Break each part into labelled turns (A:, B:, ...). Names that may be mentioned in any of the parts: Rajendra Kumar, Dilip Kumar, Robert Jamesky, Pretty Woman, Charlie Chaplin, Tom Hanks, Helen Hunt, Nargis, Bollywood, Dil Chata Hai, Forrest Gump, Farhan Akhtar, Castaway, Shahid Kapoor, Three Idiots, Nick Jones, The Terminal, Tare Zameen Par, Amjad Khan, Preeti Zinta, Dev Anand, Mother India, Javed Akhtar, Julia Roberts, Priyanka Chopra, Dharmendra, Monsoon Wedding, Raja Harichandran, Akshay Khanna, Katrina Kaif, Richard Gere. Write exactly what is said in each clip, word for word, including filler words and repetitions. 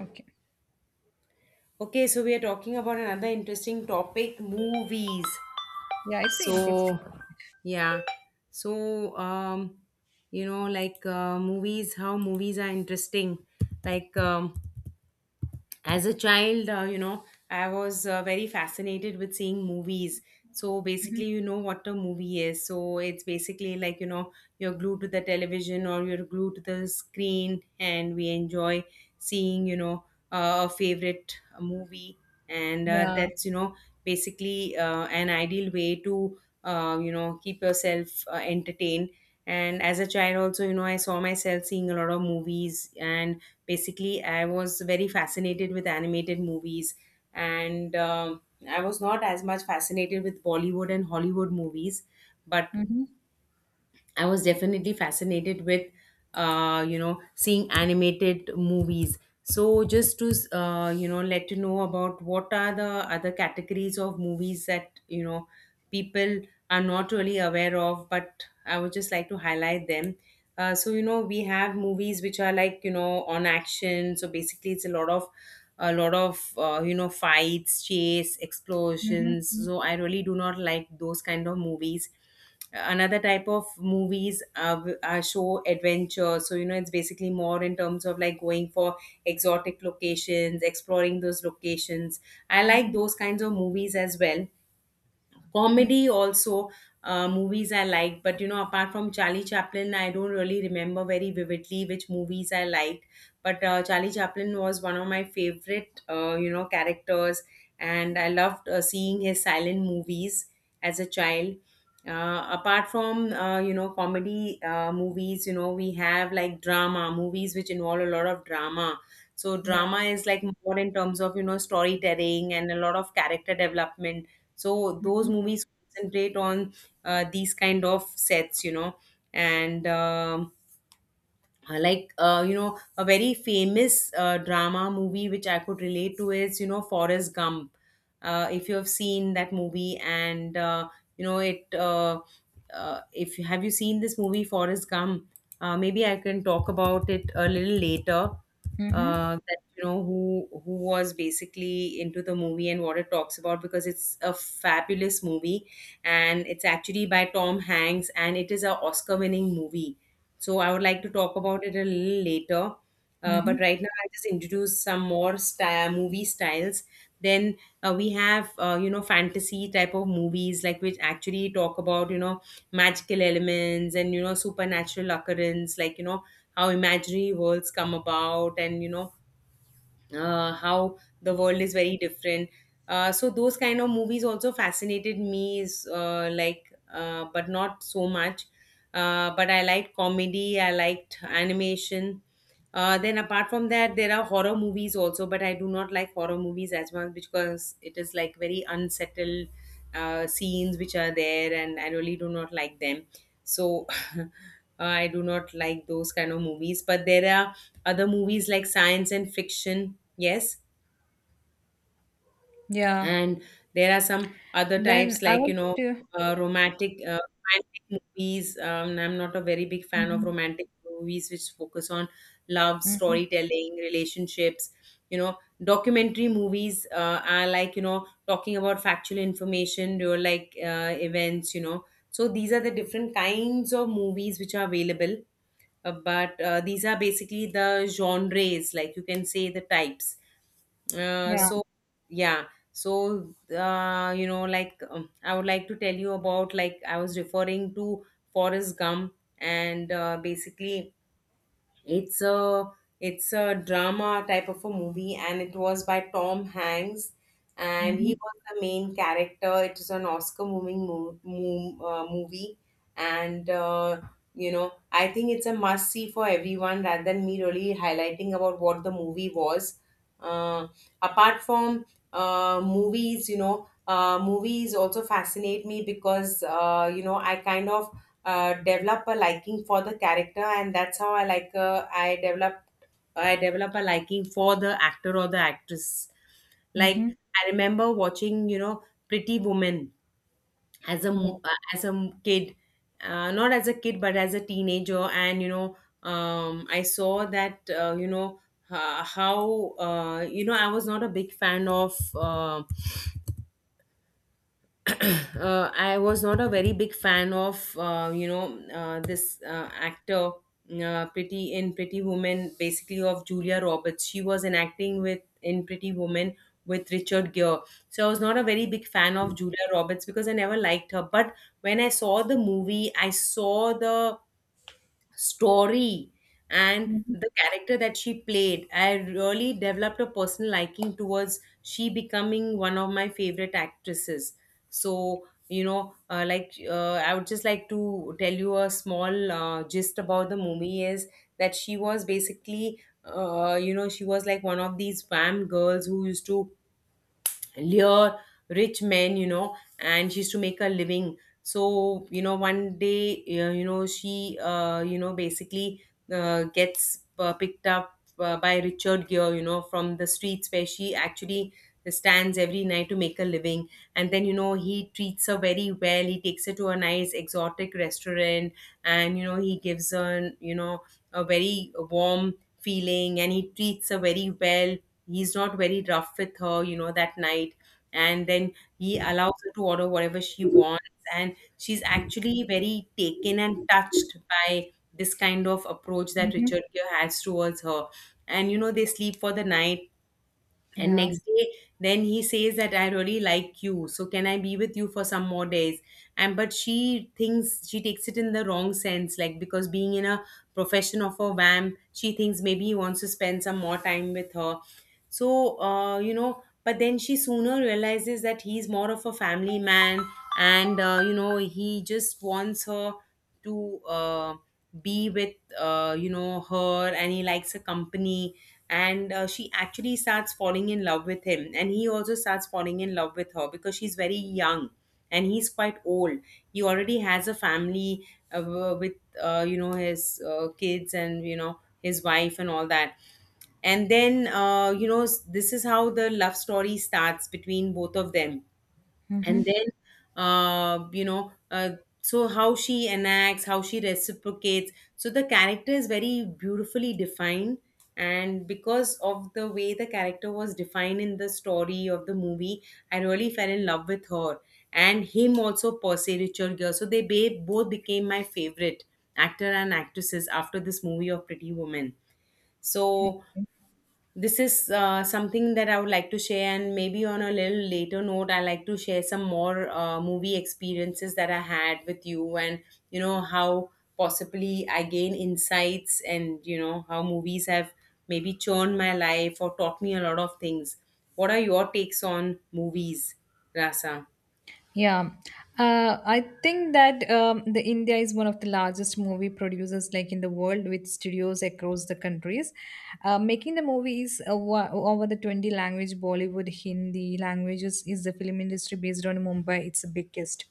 A: Okay.
B: Okay, so we are talking about another interesting topic, movies.
A: Yeah, it's an interesting.
B: So, yeah. So, um, you know, like uh, movies, how movies are interesting. Like, um, as a child uh, you know i was uh, very fascinated with seeing movies. So basically
A: Mhm.
B: you know what a movie is. So it's basically like you know you're glued to the television or you're glued to the screen, and we enjoy seeing you know uh, a favorite movie. And uh,
A: Yeah.
B: that's you know basically uh, an ideal way to uh, you know keep yourself uh, entertained. And as a child also, you know I saw myself seeing a lot of movies, and basically I was very fascinated with animated movies. And um, I was not as much fascinated with Bollywood and Hollywood movies, but
A: Mm-hmm.
B: I was definitely fascinated with, uh, you know, seeing animated movies. So just to, uh, you know, let you know about what are the other categories of movies that, you know, people are not really aware of, but I would just like to highlight them. Uh, so, you know, we have movies which are like, you know, on action. So basically it's a lot of, a lot of, uh, you know, fights, chase, explosions.
A: Mm-hmm.
B: So I really do not like those kind of movies. Another type of movies uh, w- uh, show adventure. So you know it's basically more in terms of like going for exotic locations, exploring those locations. I like
A: Mm-hmm.
B: those kinds of movies as well.
A: Hmm.
B: Comedy also, uh, movies I like, but you know, apart from Charlie Chaplin, I don't really remember very vividly which movies I liked. But uh, Charlie Chaplin was one of my favorite, uh, you know, characters, and I loved uh, seeing his silent movies as a child. Uh, apart from uh, you know comedy uh, movies, you know, we have like drama movies which involve a lot of drama. So
A: Yeah.
B: drama is like more in terms of you know storytelling and a lot of character development. So those
A: Mm-hmm.
B: movies concentrate on uh, these kind of sets, you know. and um, uh, like uh, you know a very famous uh, drama movie which I could relate to is, you know, Forrest Gump. Uh, if you have seen that movie, and uh, you know it uh, uh, if you have you seen this movie Forrest Gump, uh, maybe I can talk about it a little later,
A: Mm-hmm.
B: uh, that you know who who was basically into the movie and what it talks about, because it's a fabulous movie. And it's actually by Tom Hanks, and it is a Oscar winning movie. So I would like to talk about it a little later. Uh, but
A: Mm-hmm.
B: right now, I'll just introduce some more sty movie styles. Then uh, we have, uh, you know, fantasy type of movies, like which actually talk about, you know, magical elements and, you know, supernatural occurrence, like, you know, how imaginary worlds come about, and, you know, uh, how the world is very different. Uh, so those kind of movies also fascinated me, is uh, like uh, but not so much. Uh, but i liked comedy, I liked animation. Uh, then apart from that, there are horror movies also, but I do not like horror movies as much, because it is like very unsettled uh, scenes which are there, and I really do not like them. So I do not like those kind of movies, but there are other movies like science and fiction, yes.
A: Yeah.
B: And there are some other
A: Then
B: types,
A: I
B: like you
A: want
B: know,
A: to.
B: uh, romantic, uh, romantic movies. Um, i'm not a very big fan of
A: Mm-hmm.
B: romantic movies which focus on love,
A: Mm-hmm.
B: storytelling, relationships, you know. Documentary movies uh, are like, you know, talking about factual information or like uh, events, you know. So these are the different kinds of movies which are available. Uh, but uh, these are basically the genres, like you can say the types. Uh,
A: Yeah.
B: so yeah so uh, you know like um, I would like to tell you about, like I was referring to Forrest Gump. And uh, Basically it's a it's a drama type of a movie, and it was by Tom Hanks, and he
A: Mm-hmm.
B: was the main character. It is an Oscar moving mo- mo- uh, movie, and uh, you know I think it's a must-see for everyone. Rather than me really highlighting about what the movie was, uh, apart from uh, movies, you know, uh, movies also fascinate me, because uh, you know I kind of uh, develop a liking for the character. And that's how i like uh, i develop i develop a liking for the actor or the actress.
A: Mm-hmm.
B: Like, I remember watching, you know, Pretty Woman as a
A: Yeah.
B: m- uh, as a m- kid, uh, not as a kid but as a teenager. And you know, um, i saw that, uh, you know uh, how uh, you know i was not a big fan of uh, uh, I was not a very big fan of uh, you know uh, this uh, actor, uh, pretty in Pretty Woman, basically of Julia Roberts. She was enacting with, in Pretty Woman, with Richard Gere. So I was not a very big fan of Julia Roberts, because I never liked her. But when I saw the movie, I saw the story and
A: Mm-hmm.
B: the character that she played, I really developed a personal liking towards she becoming one of my favorite actresses. So you know, uh, like uh, i would just like to tell you a small uh, gist about the movie, is that she was basically, uh, you know she was like one of these fam girls who used to lure rich men, you know, and she used to make a living. So you know, one day, uh, you know she uh, you know basically uh, gets uh, picked up uh, by Richard Gere, you know, from the streets where she actually stands every night to make a living. And then, you know, he treats her very well, he takes her to a nice exotic restaurant. And you know, he gives her, you know, a very warm feeling, and he treats her very well. He's not very rough with her, you know, that night. And then he allows her to order whatever she wants. And she's actually very taken and touched by this kind of approach that
A: Mm-hmm.
B: Richard Gere has towards her. And you know, they sleep for the night. And
A: Yeah.
B: next day, then he says that, I really like you, so can I be with you for some more days? And but she thinks, she takes it in the wrong sense, like, because being in a profession of a vamp, she thinks maybe he wants to spend some more time with her. So, uh, you know, but then she sooner realizes that he's more of a family man, and uh, you know, he just wants her to. Uh, be with uh, you know her, and he likes her company. And uh, she actually starts falling in love with him, and he also starts falling in love with her, because she's very young and he's quite old. He already has a family, uh, w- with, uh, you know his uh, kids, and you know, his wife and all that. And then, uh, you know s- this is how the love story starts between both of them.
A: Mm-hmm.
B: And then uh, you know uh, so how she enacts, how she reciprocates, so the character is very beautifully defined. And because of the way the character was defined in the story of the movie, I really fell in love with her, and him also, percy Richard Gere. So they ba- both became my favorite actor and actresses after this movie of Pretty Woman. So this is uh, something that I would like to share, and maybe on a little later note, I like to share some more uh, movie experiences that I had with you, and you know how possibly I gain insights, and you know how movies have maybe churned my life or taught me a lot of things. What are your takes on movies, Rasa?
A: Yeah, uh, I think that um, the India is one of the largest movie producers like in the world with studios across the countries, uh, making the movies over, over the twenty language Bollywood, Hindi languages is the film industry based on Mumbai. It's the biggest.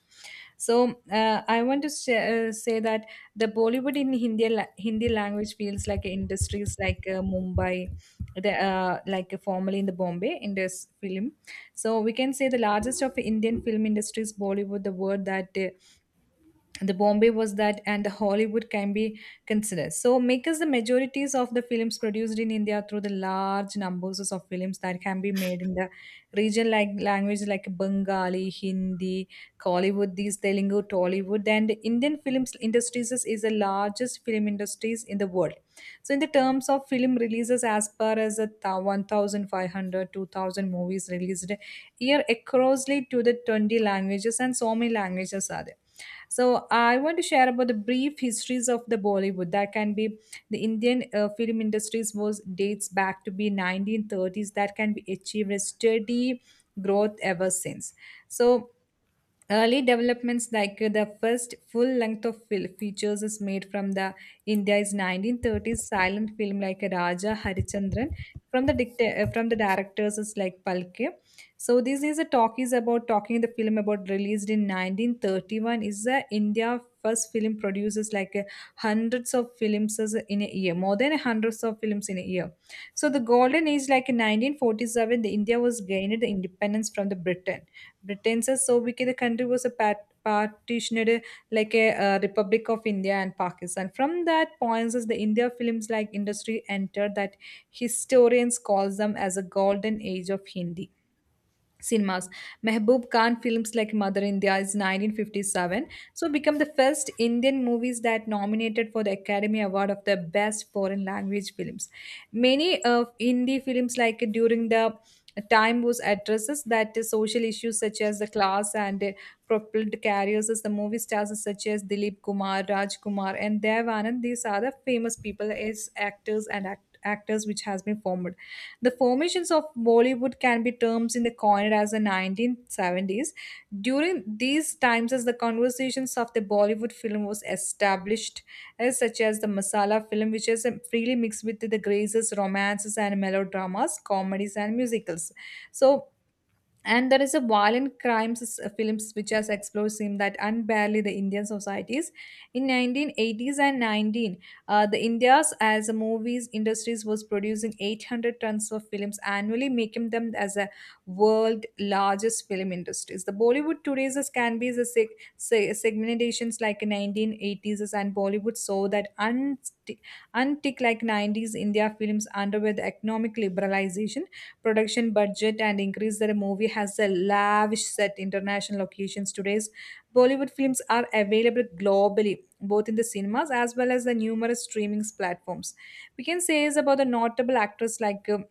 A: So, uh, I want to say, uh, say that the Bollywood in Hindi la- Hindi language feels like industries like uh, Mumbai, the, uh, like uh, formerly in the Bombay in this film. So we can say the largest of Indian film industries Bollywood, the word that. Uh, the Bombay was that and the Hollywood can be considered so makers the majorities of the films produced in India through the large numbers of films that can be made in the region like language like Bengali, Hindi, Kollywood, these Telugu, Tollywood, and Indian films industries is is the largest film industries in the world. So in the terms of film releases as per as a thou- one thousand five hundred movies released year acrossly to the twenty languages and so many languages are there. So I want to share about the brief histories of the Bollywood that can be the Indian uh, film industries was dates back to be nineteen thirties that can be achieved a steady growth ever since. So early developments like uh, the first full length of fil- features is made from the India's nineteen thirties silent film like Raja Harichandran from the dicta- uh, from the directors is like Palke. So this is a talk is about talking the film about released in nineteen thirty-one is the India first film produces like uh, hundreds of films as in a year more than hundreds of films in a year. So the golden age like in nineteen forty-seven the India was gained the independence from the Britain. Britain says so because the country was a pat partitioned, uh, like a uh, republic of India and Pakistan from that points as the India films like industry entered that historians calls them as a golden age of Hindi cinemas. Mehboob Khan films like Mother India is nineteen fifty-seven, so become the first Indian movies that nominated for the Academy Award of the Best Foreign Language Films. Many of Hindi films like during the time was addresses that the social issues such as the class and, uh, propelled careers as the movie stars such as Dilip Kumar, Raj Kumar and Dev Anand. These are the famous people as actors and act- actors which has been formed the formations of Bollywood can be termed in the coined as the nineteen seventies. During these times, as the conversations of the Bollywood film was established, as such as the masala film, which is um, freely mixed with the graces, romances, and melodramas, comedies, and musicals. So and there is a violent crimes uh, films which has explored seem that unbarely the Indian societies in nineteen eighties and 19 uh, the India's as a movies industries was producing eight hundred tons of films annually making them as a world largest film industries. The Bollywood today's is- can be the seg- se- segmentations like nineteen eighties and Bollywood saw that un- untick like nineties India films underwent the economic liberalization production budget and increased. The movie has a lavish set international locations. Today's Bollywood films are available globally, both in the cinemas as well as the numerous streaming platforms. We can say is about the notable actors like, um,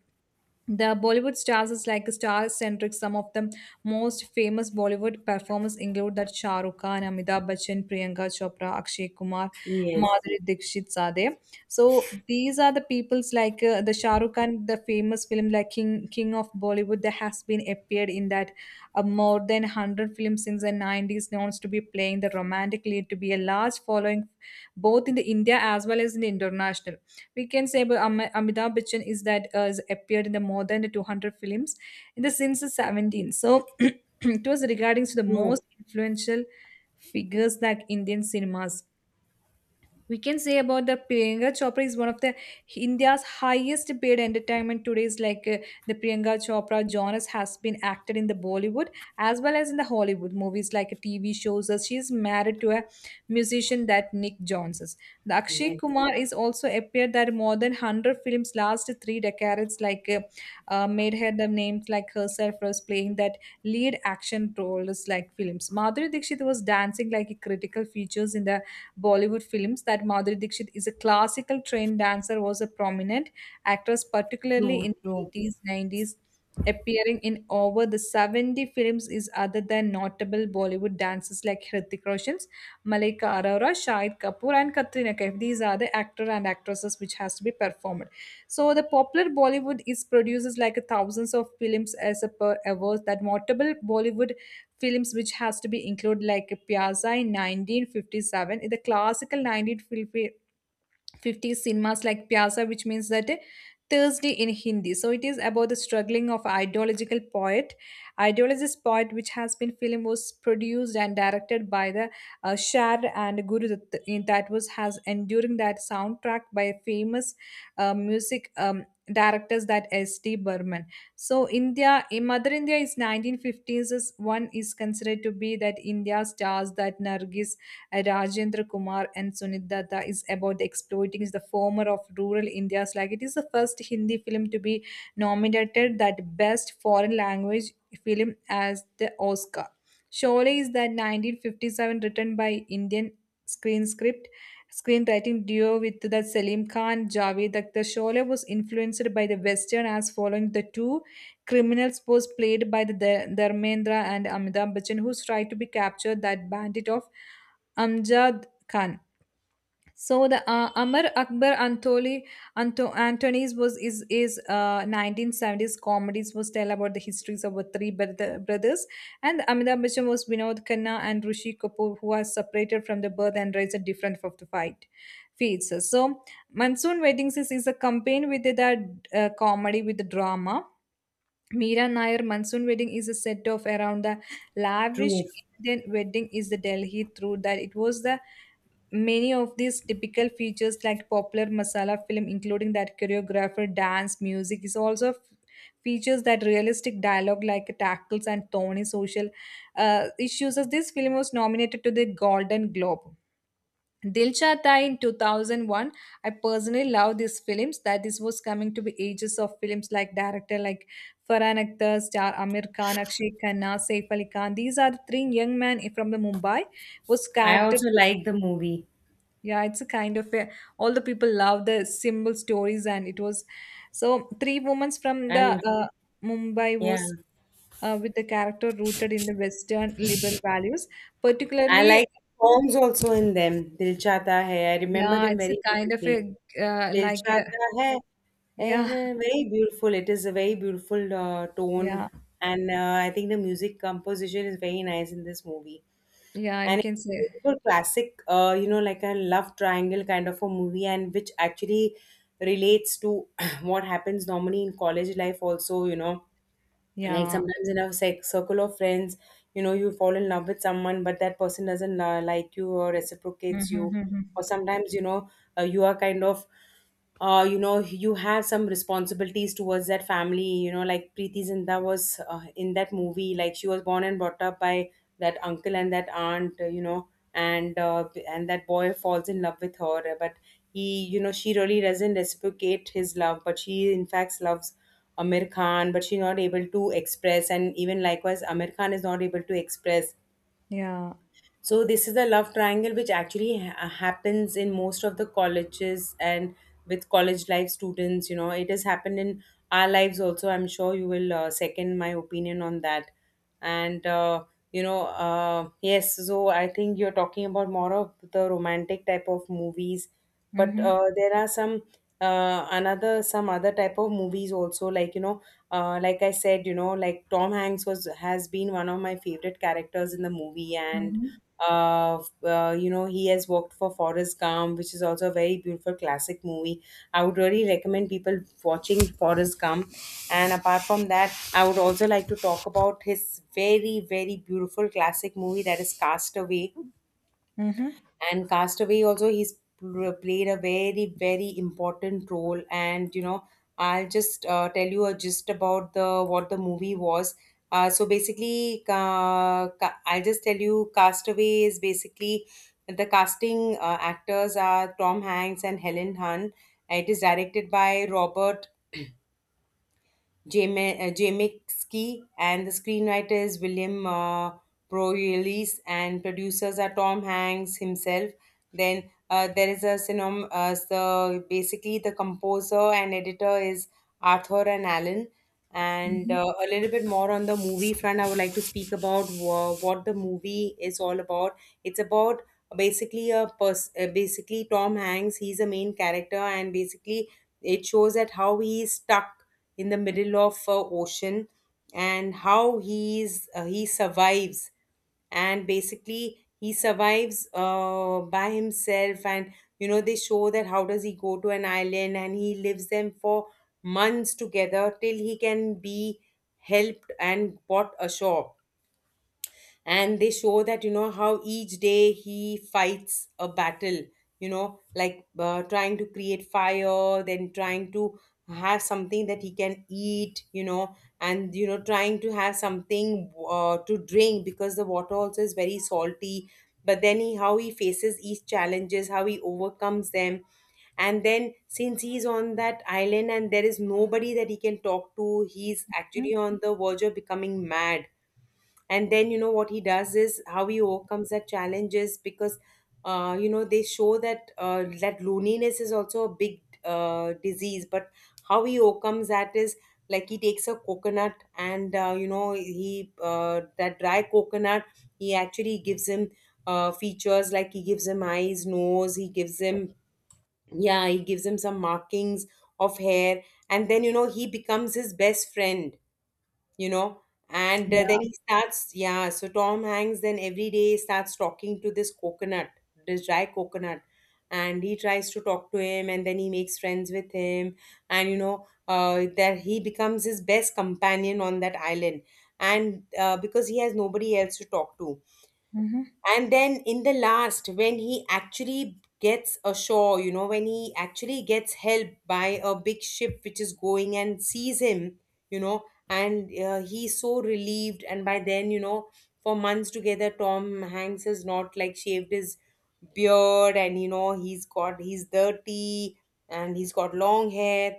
A: the Bollywood stars is like star-centric. Some of the most famous Bollywood performers include that Shah Rukh Khan, Amitabh Bachchan, Priyanka Chopra, Akshay Kumar,
B: Yes.
A: Madhuri Dixit Sade. So these are the people's like uh, the Shah Rukh Khan, the famous film like King, King of Bollywood that has been appeared in that, uh, more than one hundred films since the nineties. Known to be playing the romantic lead to be a large following both in the India as well as in the international. We can say about Am- Amitabh Bachchan is that, uh, has appeared in the more than two hundred films in the since the seventeen. So it was regarding to the most
B: True.
A: influential figures like Indian cinemas. We can say about the Priyanka Chopra is one of the India's highest paid entertainment today's like uh, the Priyanka Chopra genres has been acted in the Bollywood as well as in the Hollywood movies like T V shows. Uh, She is married to a musician that Nick Jones is. The Akshay
B: Yes,
A: Kumar is also appeared that more than one hundred films last three decades like uh, uh, made her the names like herself was playing that lead action roles like films. Madhuri Dixit was dancing like critical features in the Bollywood films that Madhuri Dixit is a classical trained dancer was a prominent actress, particularly
B: true,
A: in the
B: true.
A: eighties, nineties, appearing in over the seventy films is other than notable Bollywood dancers like Hrithik Roshan, Malika Arora, Shahid Kapoor and Katrina Kaif. These are the actor and actresses which has to be performed. So the popular Bollywood is produces like thousands of films as a per hours that notable Bollywood films which has to be included like Piazza in nineteen fifty-seven in the classical nineteen fifty 50 cinemas like Pyasa, which means that, uh, Thursday in Hindi. So it is about the struggling of ideological poet. Ideologist poet, which has been film, was produced and directed by the, uh, Shar and Guru Dutt, in that was has enduring that soundtrack by famous uh, music, um, directors that S. T. Burman. So India, in Mother India is nineteen fifties. is- One is considered to be that India stars that Nargis, uh, Rajendra Kumar and Sunit Datta is about exploiting the former of rural India's like it is the first Hindi film to be nominated that best foreign language film as the Oscar. Sholay is that nineteen fifty-seven written by Indian screen script screenwriting duo with the Salim Khan Javed Akhtar. Sholay was influenced by the western as following the two criminals was played by the Dar- Dharmendra and Amitabh Bachchan who tried to be captured that bandit of Amjad Khan. So the, uh, Amar Akbar Antoli Anto, Antonies was is is uh, nineteen seventies comedies was tell about the histories of the three brother, brothers and Amitabh Bachchan was Vinod Khanna and Rishi Kapoor who are separated from the birth and raised at different of the fight feeds. So Monsoon Weddings is, is a campaign with the, uh, comedy with the drama. Meera Nair Monsoon Wedding is a set of around the lavish
B: True.
A: Indian wedding is the Delhi through that it was the many of these typical features, like popular masala film, including that choreographer, dance, music, is also f- features that realistic dialogue, like tackles and thorny social, uh, issues. As this film was nominated to the Golden Globe. Dilsha Dai in two thousand one. I personally love these films. That this was coming to be ages of films like director like Farhan Akhtar, star Amir Khan, Akshay Khanna, Saif Ali Khan. These are the three young men from the Mumbai was
B: I
A: character.
B: also like the movie.
A: Yeah, it's a kind of a, all the people love the symbol stories, and it was so three women from the,
B: I'll,
A: uh, Mumbai
B: yeah.
A: was, uh, with the character rooted in the Western liberal values,
B: I
A: particularly.
B: like songs also in them. Dil Chata Hai. I remember
A: Yeah,
B: them
A: it's
B: very
A: a kind of
B: vividly.
A: a, uh,
B: Dil
A: like a,
B: Chata Hai. And
A: yeah,
B: uh, very beautiful. It is a very beautiful uh, tone.
A: yeah,
B: And uh, I think the music composition is very nice in this movie.
A: yeah. We
B: And it's
A: can say
B: a beautiful classic, uh, you know, like a love triangle kind of a movie, and which actually relates to what happens normally in college life, also, you know like
A: yeah,
B: sometimes in a sec- circle of friends, you know, you fall in love with someone, but that person doesn't uh, like you or reciprocates
A: mm-hmm,
B: you.
A: mm-hmm.
B: Or sometimes, you know, uh, you are kind of uh, you know, you have some responsibilities towards that family, you know, like Preeti Zinta was uh, in that movie. Like, she was born and brought up by that uncle and that aunt, uh, you know and uh, and that boy falls in love with her, but he, you know, she really doesn't reciprocate his love, but she in fact loves Amir Khan, but she's not able to express, and even likewise, Amir Khan is not able to express.
A: Yeah,
B: So this is a love triangle which actually ha- happens in most of the colleges and with college life students. You know, it has happened in our lives also. I'm sure you will uh, second my opinion on that. And uh, you know, uh, yes. So I think you're talking about more of the romantic type of movies, but
A: mm-hmm,
B: uh, there are some uh, another some other type of movies also, like, you know, uh, like I said, you know, like Tom Hanks was has been one of my favorite characters in the movie. And
A: mm-hmm,
B: uh, f- uh, you know, he has worked for Forrest Gump, which is also a very beautiful classic movie. I would really recommend people watching Forrest Gump. And apart from that, I would also like to talk about his very, very beautiful classic movie, that is Castaway.
A: mm-hmm,
B: And Castaway also, he's pl- played a very, very important role. And, you know, I'll just uh, tell you uh, just about the what the movie was. Uh, so basically, uh, ca- I'll just tell you, Castaway is basically the casting, uh, actors are Tom Hanks and Helen Hunt. It is directed by Robert Jamesky, and the screenwriter is William uh, Proylis, and producers are Tom Hanks himself. Then uh, there is a cinom. Uh, so basically, the composer and editor is Arthur and Allen. And
A: mm-hmm,
B: uh, a little bit more on the movie front, I would like to speak about wha- what the movie is all about. It's about basically a pers- uh, basically Tom Hanks. He's a main character, and basically it shows that how he is stuck in the middle of uh, ocean, and how he's uh, he survives. And basically he survives uh, by himself. And you know, they show that how does he go to an island, and he lives them for months together till he can be helped and brought ashore. And they show that, you know, how each day he fights a battle, you know, like uh, trying to create fire, then trying to have something that he can eat, you know, and you know, trying to have something uh, to drink, because the water also is very salty. But then he, how he faces each challenges, how he overcomes them. And then since he's on that island and there is nobody that he can talk to, he's
A: mm-hmm.
B: actually on the verge of becoming mad. And then you know what he does is how he overcomes that challenges, because uh, you know, they show that uh, that loneliness is also a big uh, disease. But how he overcomes that is, like, he takes a coconut, and uh, you know, he uh, that dry coconut, he actually gives him uh, features, like he gives him eyes, nose, he gives him, yeah, he gives him some markings of hair. And then, you know, he becomes his best friend, you know. And uh, then
A: Yeah,
B: he starts, yeah, so Tom Hanks then every day starts talking to this coconut, this dry coconut. And he tries to talk to him, and then he makes friends with him. And you know, uh, that he becomes his best companion on that island. And uh, because he has nobody else to talk to.
A: mm-hmm,
B: And then in the last, when he actually gets ashore, you know, when he actually gets help by a big ship which is going and sees him, you know. And uh, he's so relieved, and by then, you know, for months together Tom Hanks has not, like, shaved his beard, and you know, he's got he's dirty, and he's got long hair.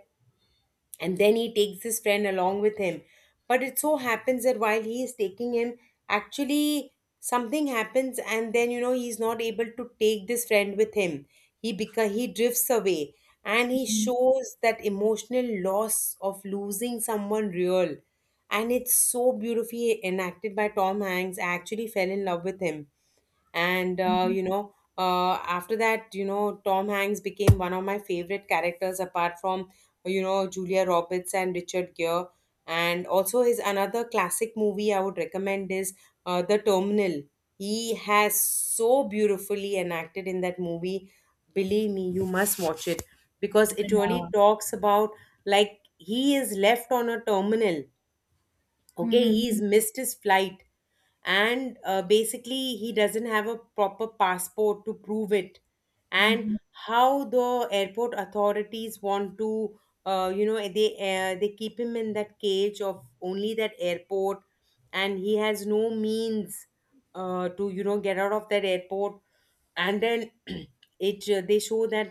B: And then he takes his friend along with him. But it so happens that while he is taking him, actually, something happens, and then, you know, he's not able to take this friend with him. He beca- he drifts away. And he
A: mm-hmm,
B: shows that emotional loss of losing someone real. And it's so beautifully enacted by Tom Hanks, I actually fell in love with him. And uh,
A: mm-hmm.
B: you know uh, after that, you know, Tom Hanks became one of my favorite characters, apart from, you know, Julia Roberts and Richard Gere. And also, his another classic movie I would recommend is uh, The Terminal. He has so beautifully enacted in that movie. Believe me, you must watch it, because it
A: Yeah.
B: really talks about, like, he is left on a terminal. Okay,
A: Mm-hmm.
B: he's missed his flight, and uh, basically, he doesn't have a proper passport to prove it. And
A: Mm-hmm.
B: how the airport authorities want to, uh, you know they uh, they keep him in that cage of only that airport. And he has no means uh, to, you know, get out of that airport. And then it uh, they show that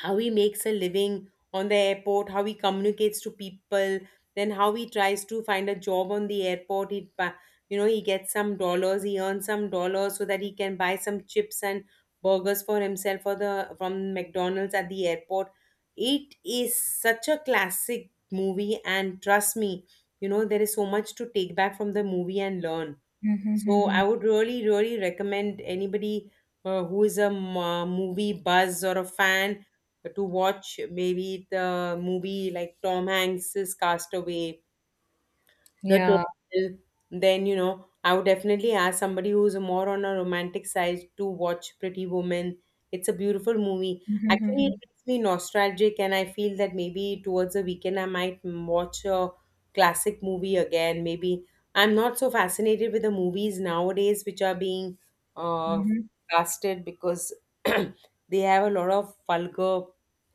B: how he makes a living on the airport, how he communicates to people, then how he tries to find a job on the airport. He, pa- you know, he gets some dollars, he earns some dollars, so that he can buy some chips and burgers for himself for the from McDonald's at the airport. It is such a classic movie, and trust me, you know, there is so much to take back from the movie and learn.
A: Mm-hmm.
B: So
A: Mm-hmm.
B: I would really, really recommend anybody uh, who is a m- uh, movie buzz or a fan to watch maybe the movie like Tom Hanks's Castaway, the
A: Yeah.
B: total. Then, you know, I would definitely ask somebody who's more on a romantic side to watch Pretty Woman. It's a beautiful movie. Actually, it
A: Mhm,
B: makes me nostalgic, and I feel that maybe towards the weekend I might m- watch a classic movie again. Maybe I'm not so fascinated with the movies nowadays which are being uh,
A: mhm.
B: casted, because they have a lot of vulgar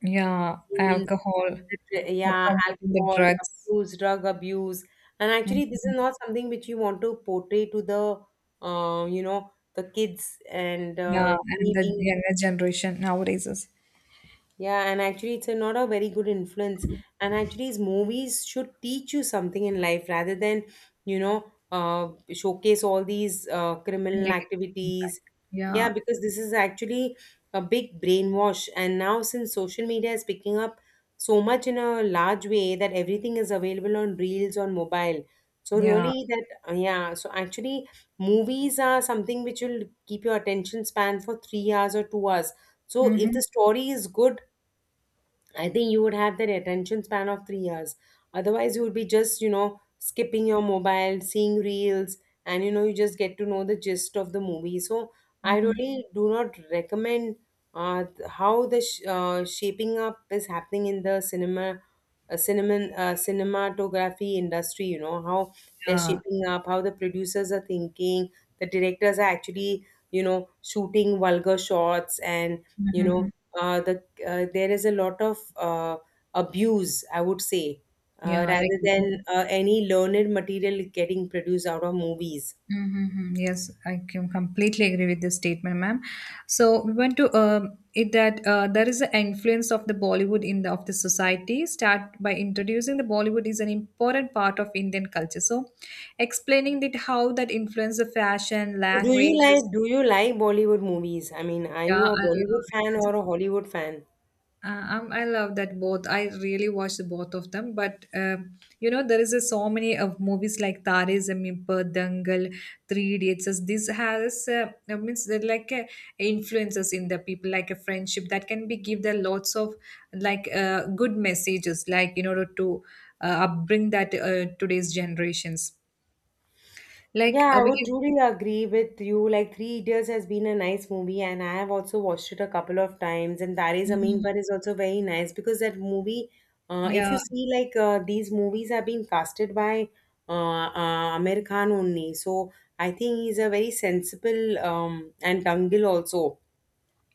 A: Yeah,
B: scenes.
A: alcohol,
B: Liter-
A: the
B: Yeah,
A: promoting the
B: alcohol
A: drugs.
B: abuse, drug abuse. And actually, this
A: Mhm.
B: is not something which you want to portray to the, uh, you know, the kids. And
A: Yeah,
B: uh,
A: and
B: me
A: the
B: being,
A: younger generation nowadays is
B: yeah, and actually, it's a not a very good influence. And actually, these movies should teach you something in life rather than, you know, uh, showcase all these uh, criminal
A: negative impact.
B: activities.
A: Yeah,
B: Yeah, because this is actually a big brainwash. And now, since social media is picking up so much in a large way, that everything is available on reels on mobile. So
A: yeah,
B: really, that uh, yeah. So actually, movies are something which will keep your attention span for three hours or two hours. So if
A: hmm,
B: the story is good, I think you would have that attention span of three years. Otherwise, you would be just, you know, skipping your mobile, seeing reels, and you know, you just get to know the gist of the movie. So, I really do not recommend uh, th- how the sh- uh, shaping up is happening in the cinema, uh, cinema, uh, cinematography industry. You know how they're
A: yeah.
B: shaping up, how the producers are thinking, the directors are actually, you know, shooting vulgar shots, and you
A: Mm-hmm.
B: know, uh, the uh, there is a lot of uh, abuse, I would say, uh,
A: Yeah. Like.
B: rather than uh, any learned material getting produced out of movies.
A: Mm-hmm. Yes, I can completely agree with this statement, ma'am. So we want to um it that, uh, there is an influence of the Bollywood in the of the society. Start by introducing the Bollywood is an important part of Indian culture. So explaining that how that influence the fashion,
B: So do you like
A: languages.
B: do you like Bollywood movies? I mean, are
A: Yeah,
B: you a
A: I love
B: Bollywood fan
A: it.
B: or a Hollywood fan?
A: Uh, um, I love that both. I really watch the both of them, but, um, you know there is a, so many of movies like Tare Zameen Par, Dangal, Three Idiots. As this has uh, uh, means they're like, uh, influences in the people, like a friendship that can be give them lots of like, uh, good messages, like in order to, uh, upbring that, uh, today's generations. Like,
B: Yeah,
A: uh,
B: I
A: we
B: would
A: can,
B: truly agree with you. Like, Three Idiots has been a nice movie, and I have also watched it a couple of times. And Tare Zameen
A: Mhm.
B: Par is also very nice, because that movie, uh, if
A: Yeah,
B: you see, like, uh, these movies have been casted by uh, uh, Amir Khan only. So I think he's a very sensible, um, and Dangil also.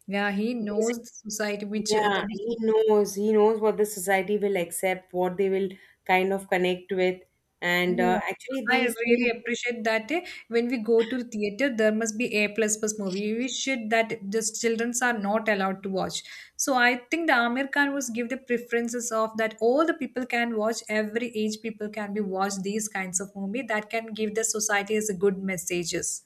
A: yeah, he knows
B: Basically,
A: the society which, uh, the
B: yeah, he
A: which.
B: knows. He knows what the society will accept, what they will kind of connect with. And uh,
A: No,
B: actually,
A: I
B: these
A: really
B: three,
A: appreciate that, eh, when we go to the theater, there must be A plus plus movie. We should that just childrens are not allowed to watch. So I think the Amir Khan was give the preferences of that all the people can watch, every age people can be watch these kinds of movie that can give the society as a good messages.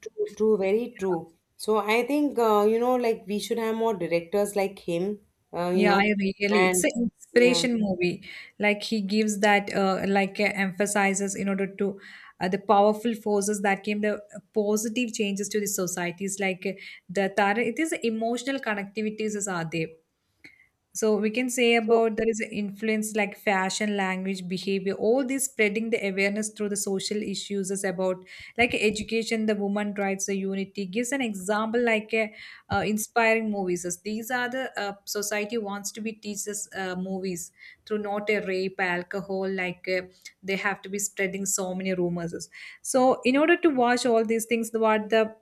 B: true, true, very true. So I think, uh, you know, like we should have more directors like him, uh, you
A: Yeah,
B: know,
A: I really, it's
B: and
A: an
B: yeah.
A: inspiration movie. Like he gives that, uh, like uh, emphasizes in order to uh, the powerful forces that came the positive changes to the societies. Like uh, the Tara, it is emotional connectivities is are there. So we can say
B: So
A: about there is an influence like fashion, language, behavior, all this spreading the awareness through the social issues is about like education, the woman rights, the unity gives an example like a, uh, inspiring movies. As these are the uh, society wants to be teaches uh, movies through not a rape, alcohol, like uh, they have to be spreading so many rumors. So in order to watch all these things, what the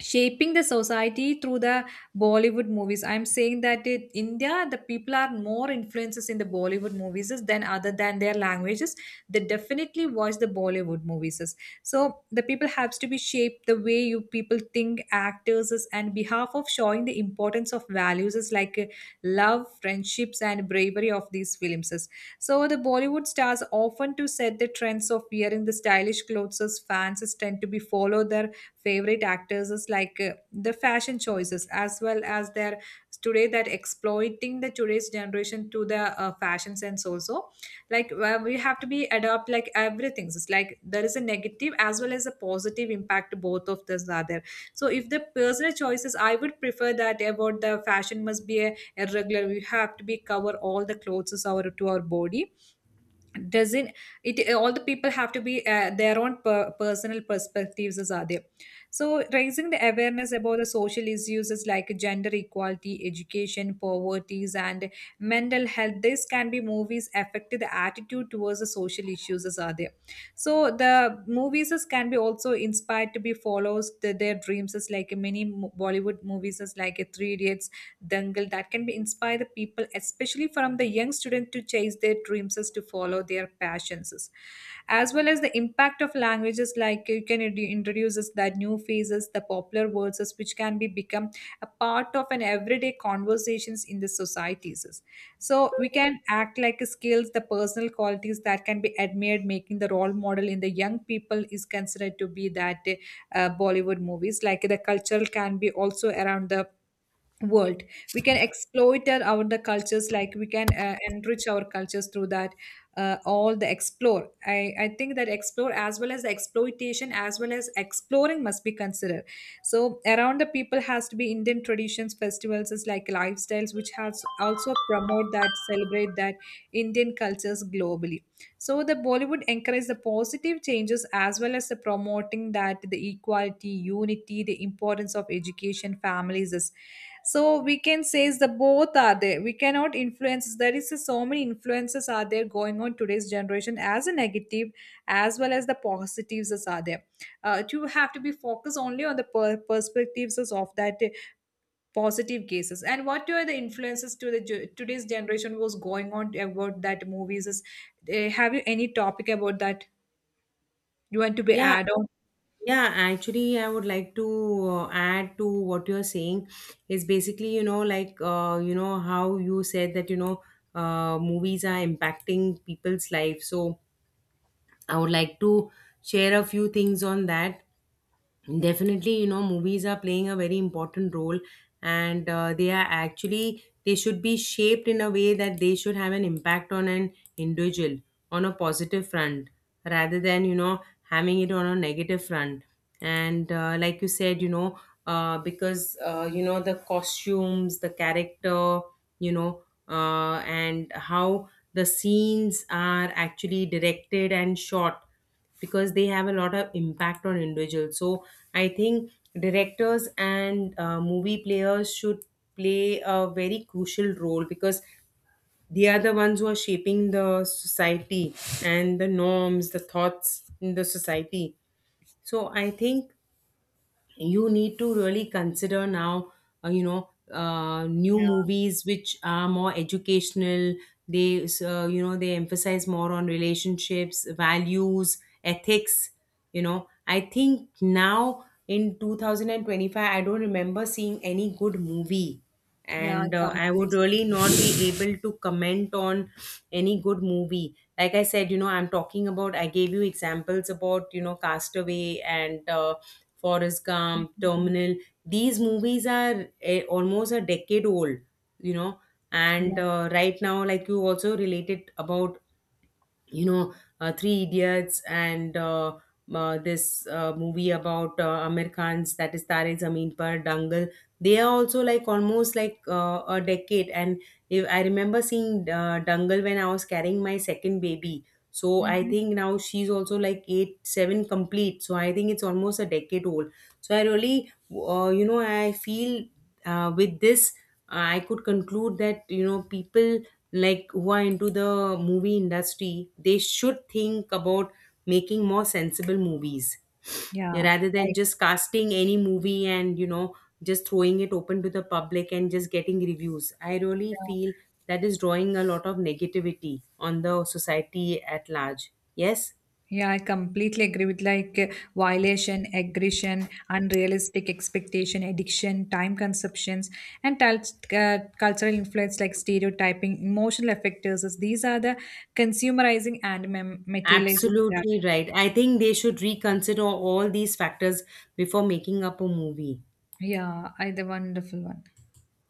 A: shaping the society through the bollywood movies, I'm saying that in India the people are more influences in the bollywood movies than other than their languages. They definitely watch the bollywood movies. So the people has to be shaped the way you people think actors is- and behalf of showing the importance of values is like uh, love friendships and bravery of these films is. So the bollywood stars often to set the trends of wearing the stylish clothes as fans is tend to be follow their favorite actors is like uh, the fashion choices as well as their today that exploiting the today's generation to the uh, fashion sense also. Like where we have to be adapt like everything, it's like there is a negative as well as a positive impact, both of this are there. So if the personal choices, I would prefer that about the fashion must be a, a regular, we have to be cover all the clothes our to our body doesn't. It all the people have to be uh, their own per- personal perspectives is are there. So raising the awareness about the social issues is like gender equality, education, poverties and mental health, this can be movies affect the attitude towards the social issues is are there. So the movies is can be also inspired to be follows the, their dreams is like many mo- bollywood movies is like a three idiots, dangal, that can be inspire the people, especially from the young student, to chase their dreams as to follow their passions. As well as the impact of languages, like you can introdu- introduce us that new phrases, the popular words, as which can be become a part of an everyday conversations in the societies. So we can act like skills, the personal qualities that can be admired, making the role model in the young people is considered to be that uh, Bollywood movies. Like the cultural can be also around the world. We can exploit our our- the cultures, like we can uh, enrich our cultures through that uh, all the explore. I, I think that explore as well as the exploitation as well as exploring must be considered. So around the people has to be indian traditions, festivals is like lifestyles, which has also promote that, celebrate that indian cultures globally. So the Bollywood encouraged the positive changes as well as the promoting that the equality, unity, the importance of education, families is. So we can say is the both are there. We cannot influence, there is so many influences are there going on today's generation as a negative as well as the positives is are there. Uh, you have to be focused only on the per- perspectives is of that positive cases and what were the influences to the ge- today's generation was going on about that movies is. Eh, have you any topic about that you want to be
B: yeah,
A: add on?
B: yeah, actually, I would like to uh, add to what you're saying, is basically, you know, like, uh, you know how you said that, you know, uh, movies are impacting people's life. So I would like to share a few things on that. Definitely, you know, movies are playing a very important role, and uh, they are actually they should be shaped in a way that they should have an impact on an individual on a positive front, rather than, you know, having it on a negative front. And uh, like you said, you know, uh, because uh, you know, the costumes, the character, you know, uh, and how the scenes are actually directed and shot, because they have a lot of impact on individuals. So I think directors and uh, movie players should play a very crucial role, because they are the ones who are shaping the society and the norms, the thoughts in the society. So I think you need to really consider now uh, you know uh, new
A: Yeah,
B: movies which are more educational. They uh, you know, they emphasize more on relationships, values, ethics. You know, I think now in twenty twenty-five, I don't remember seeing any good movie.
A: yeah,
B: And uh, I would
A: completely
B: really
A: agree.
B: not be able to comment on any good movie. Like I said, you know, I'm talking about, I gave you examples about, you know, Castaway and uh, Forrest Gump, Terminal. These movies are uh, almost a decade old, you know. And
A: Yeah.
B: uh, right now, like you also related about, you know, uh, Three Idiots, and uh, uh, this uh, movie about uh, Amir Khan's, that is Tare Zameen Par, Dangal. They are also like almost like uh, a decade. And if I remember seeing uh, Dangal when I was carrying my second baby, so I
A: Hmm.
B: think now she's also like eight, seven complete, so I think it's almost a decade old. So I really uh, you know, I feel uh, with this, I could conclude that, you know, people like who are into the movie industry, they should think about making more sensible movies. Yeah,
A: Yeah.
B: rather than
A: Like.
B: just casting any movie and, you know, just throwing it open to the public and just getting reviews. I really
A: Yeah.
B: feel that is drawing a lot of negativity on the society at large. Yes,
A: Yeah, I completely agree with like uh, violation, aggression, unrealistic expectation, addiction, time consumptions, and tal- uh, cultural influence like stereotyping, emotional affectors. These are the consumerizing and mem- materializing.
B: absolutely right. I think they should reconsider all these factors before making up a movie.
A: Yeah, I the wonderful one.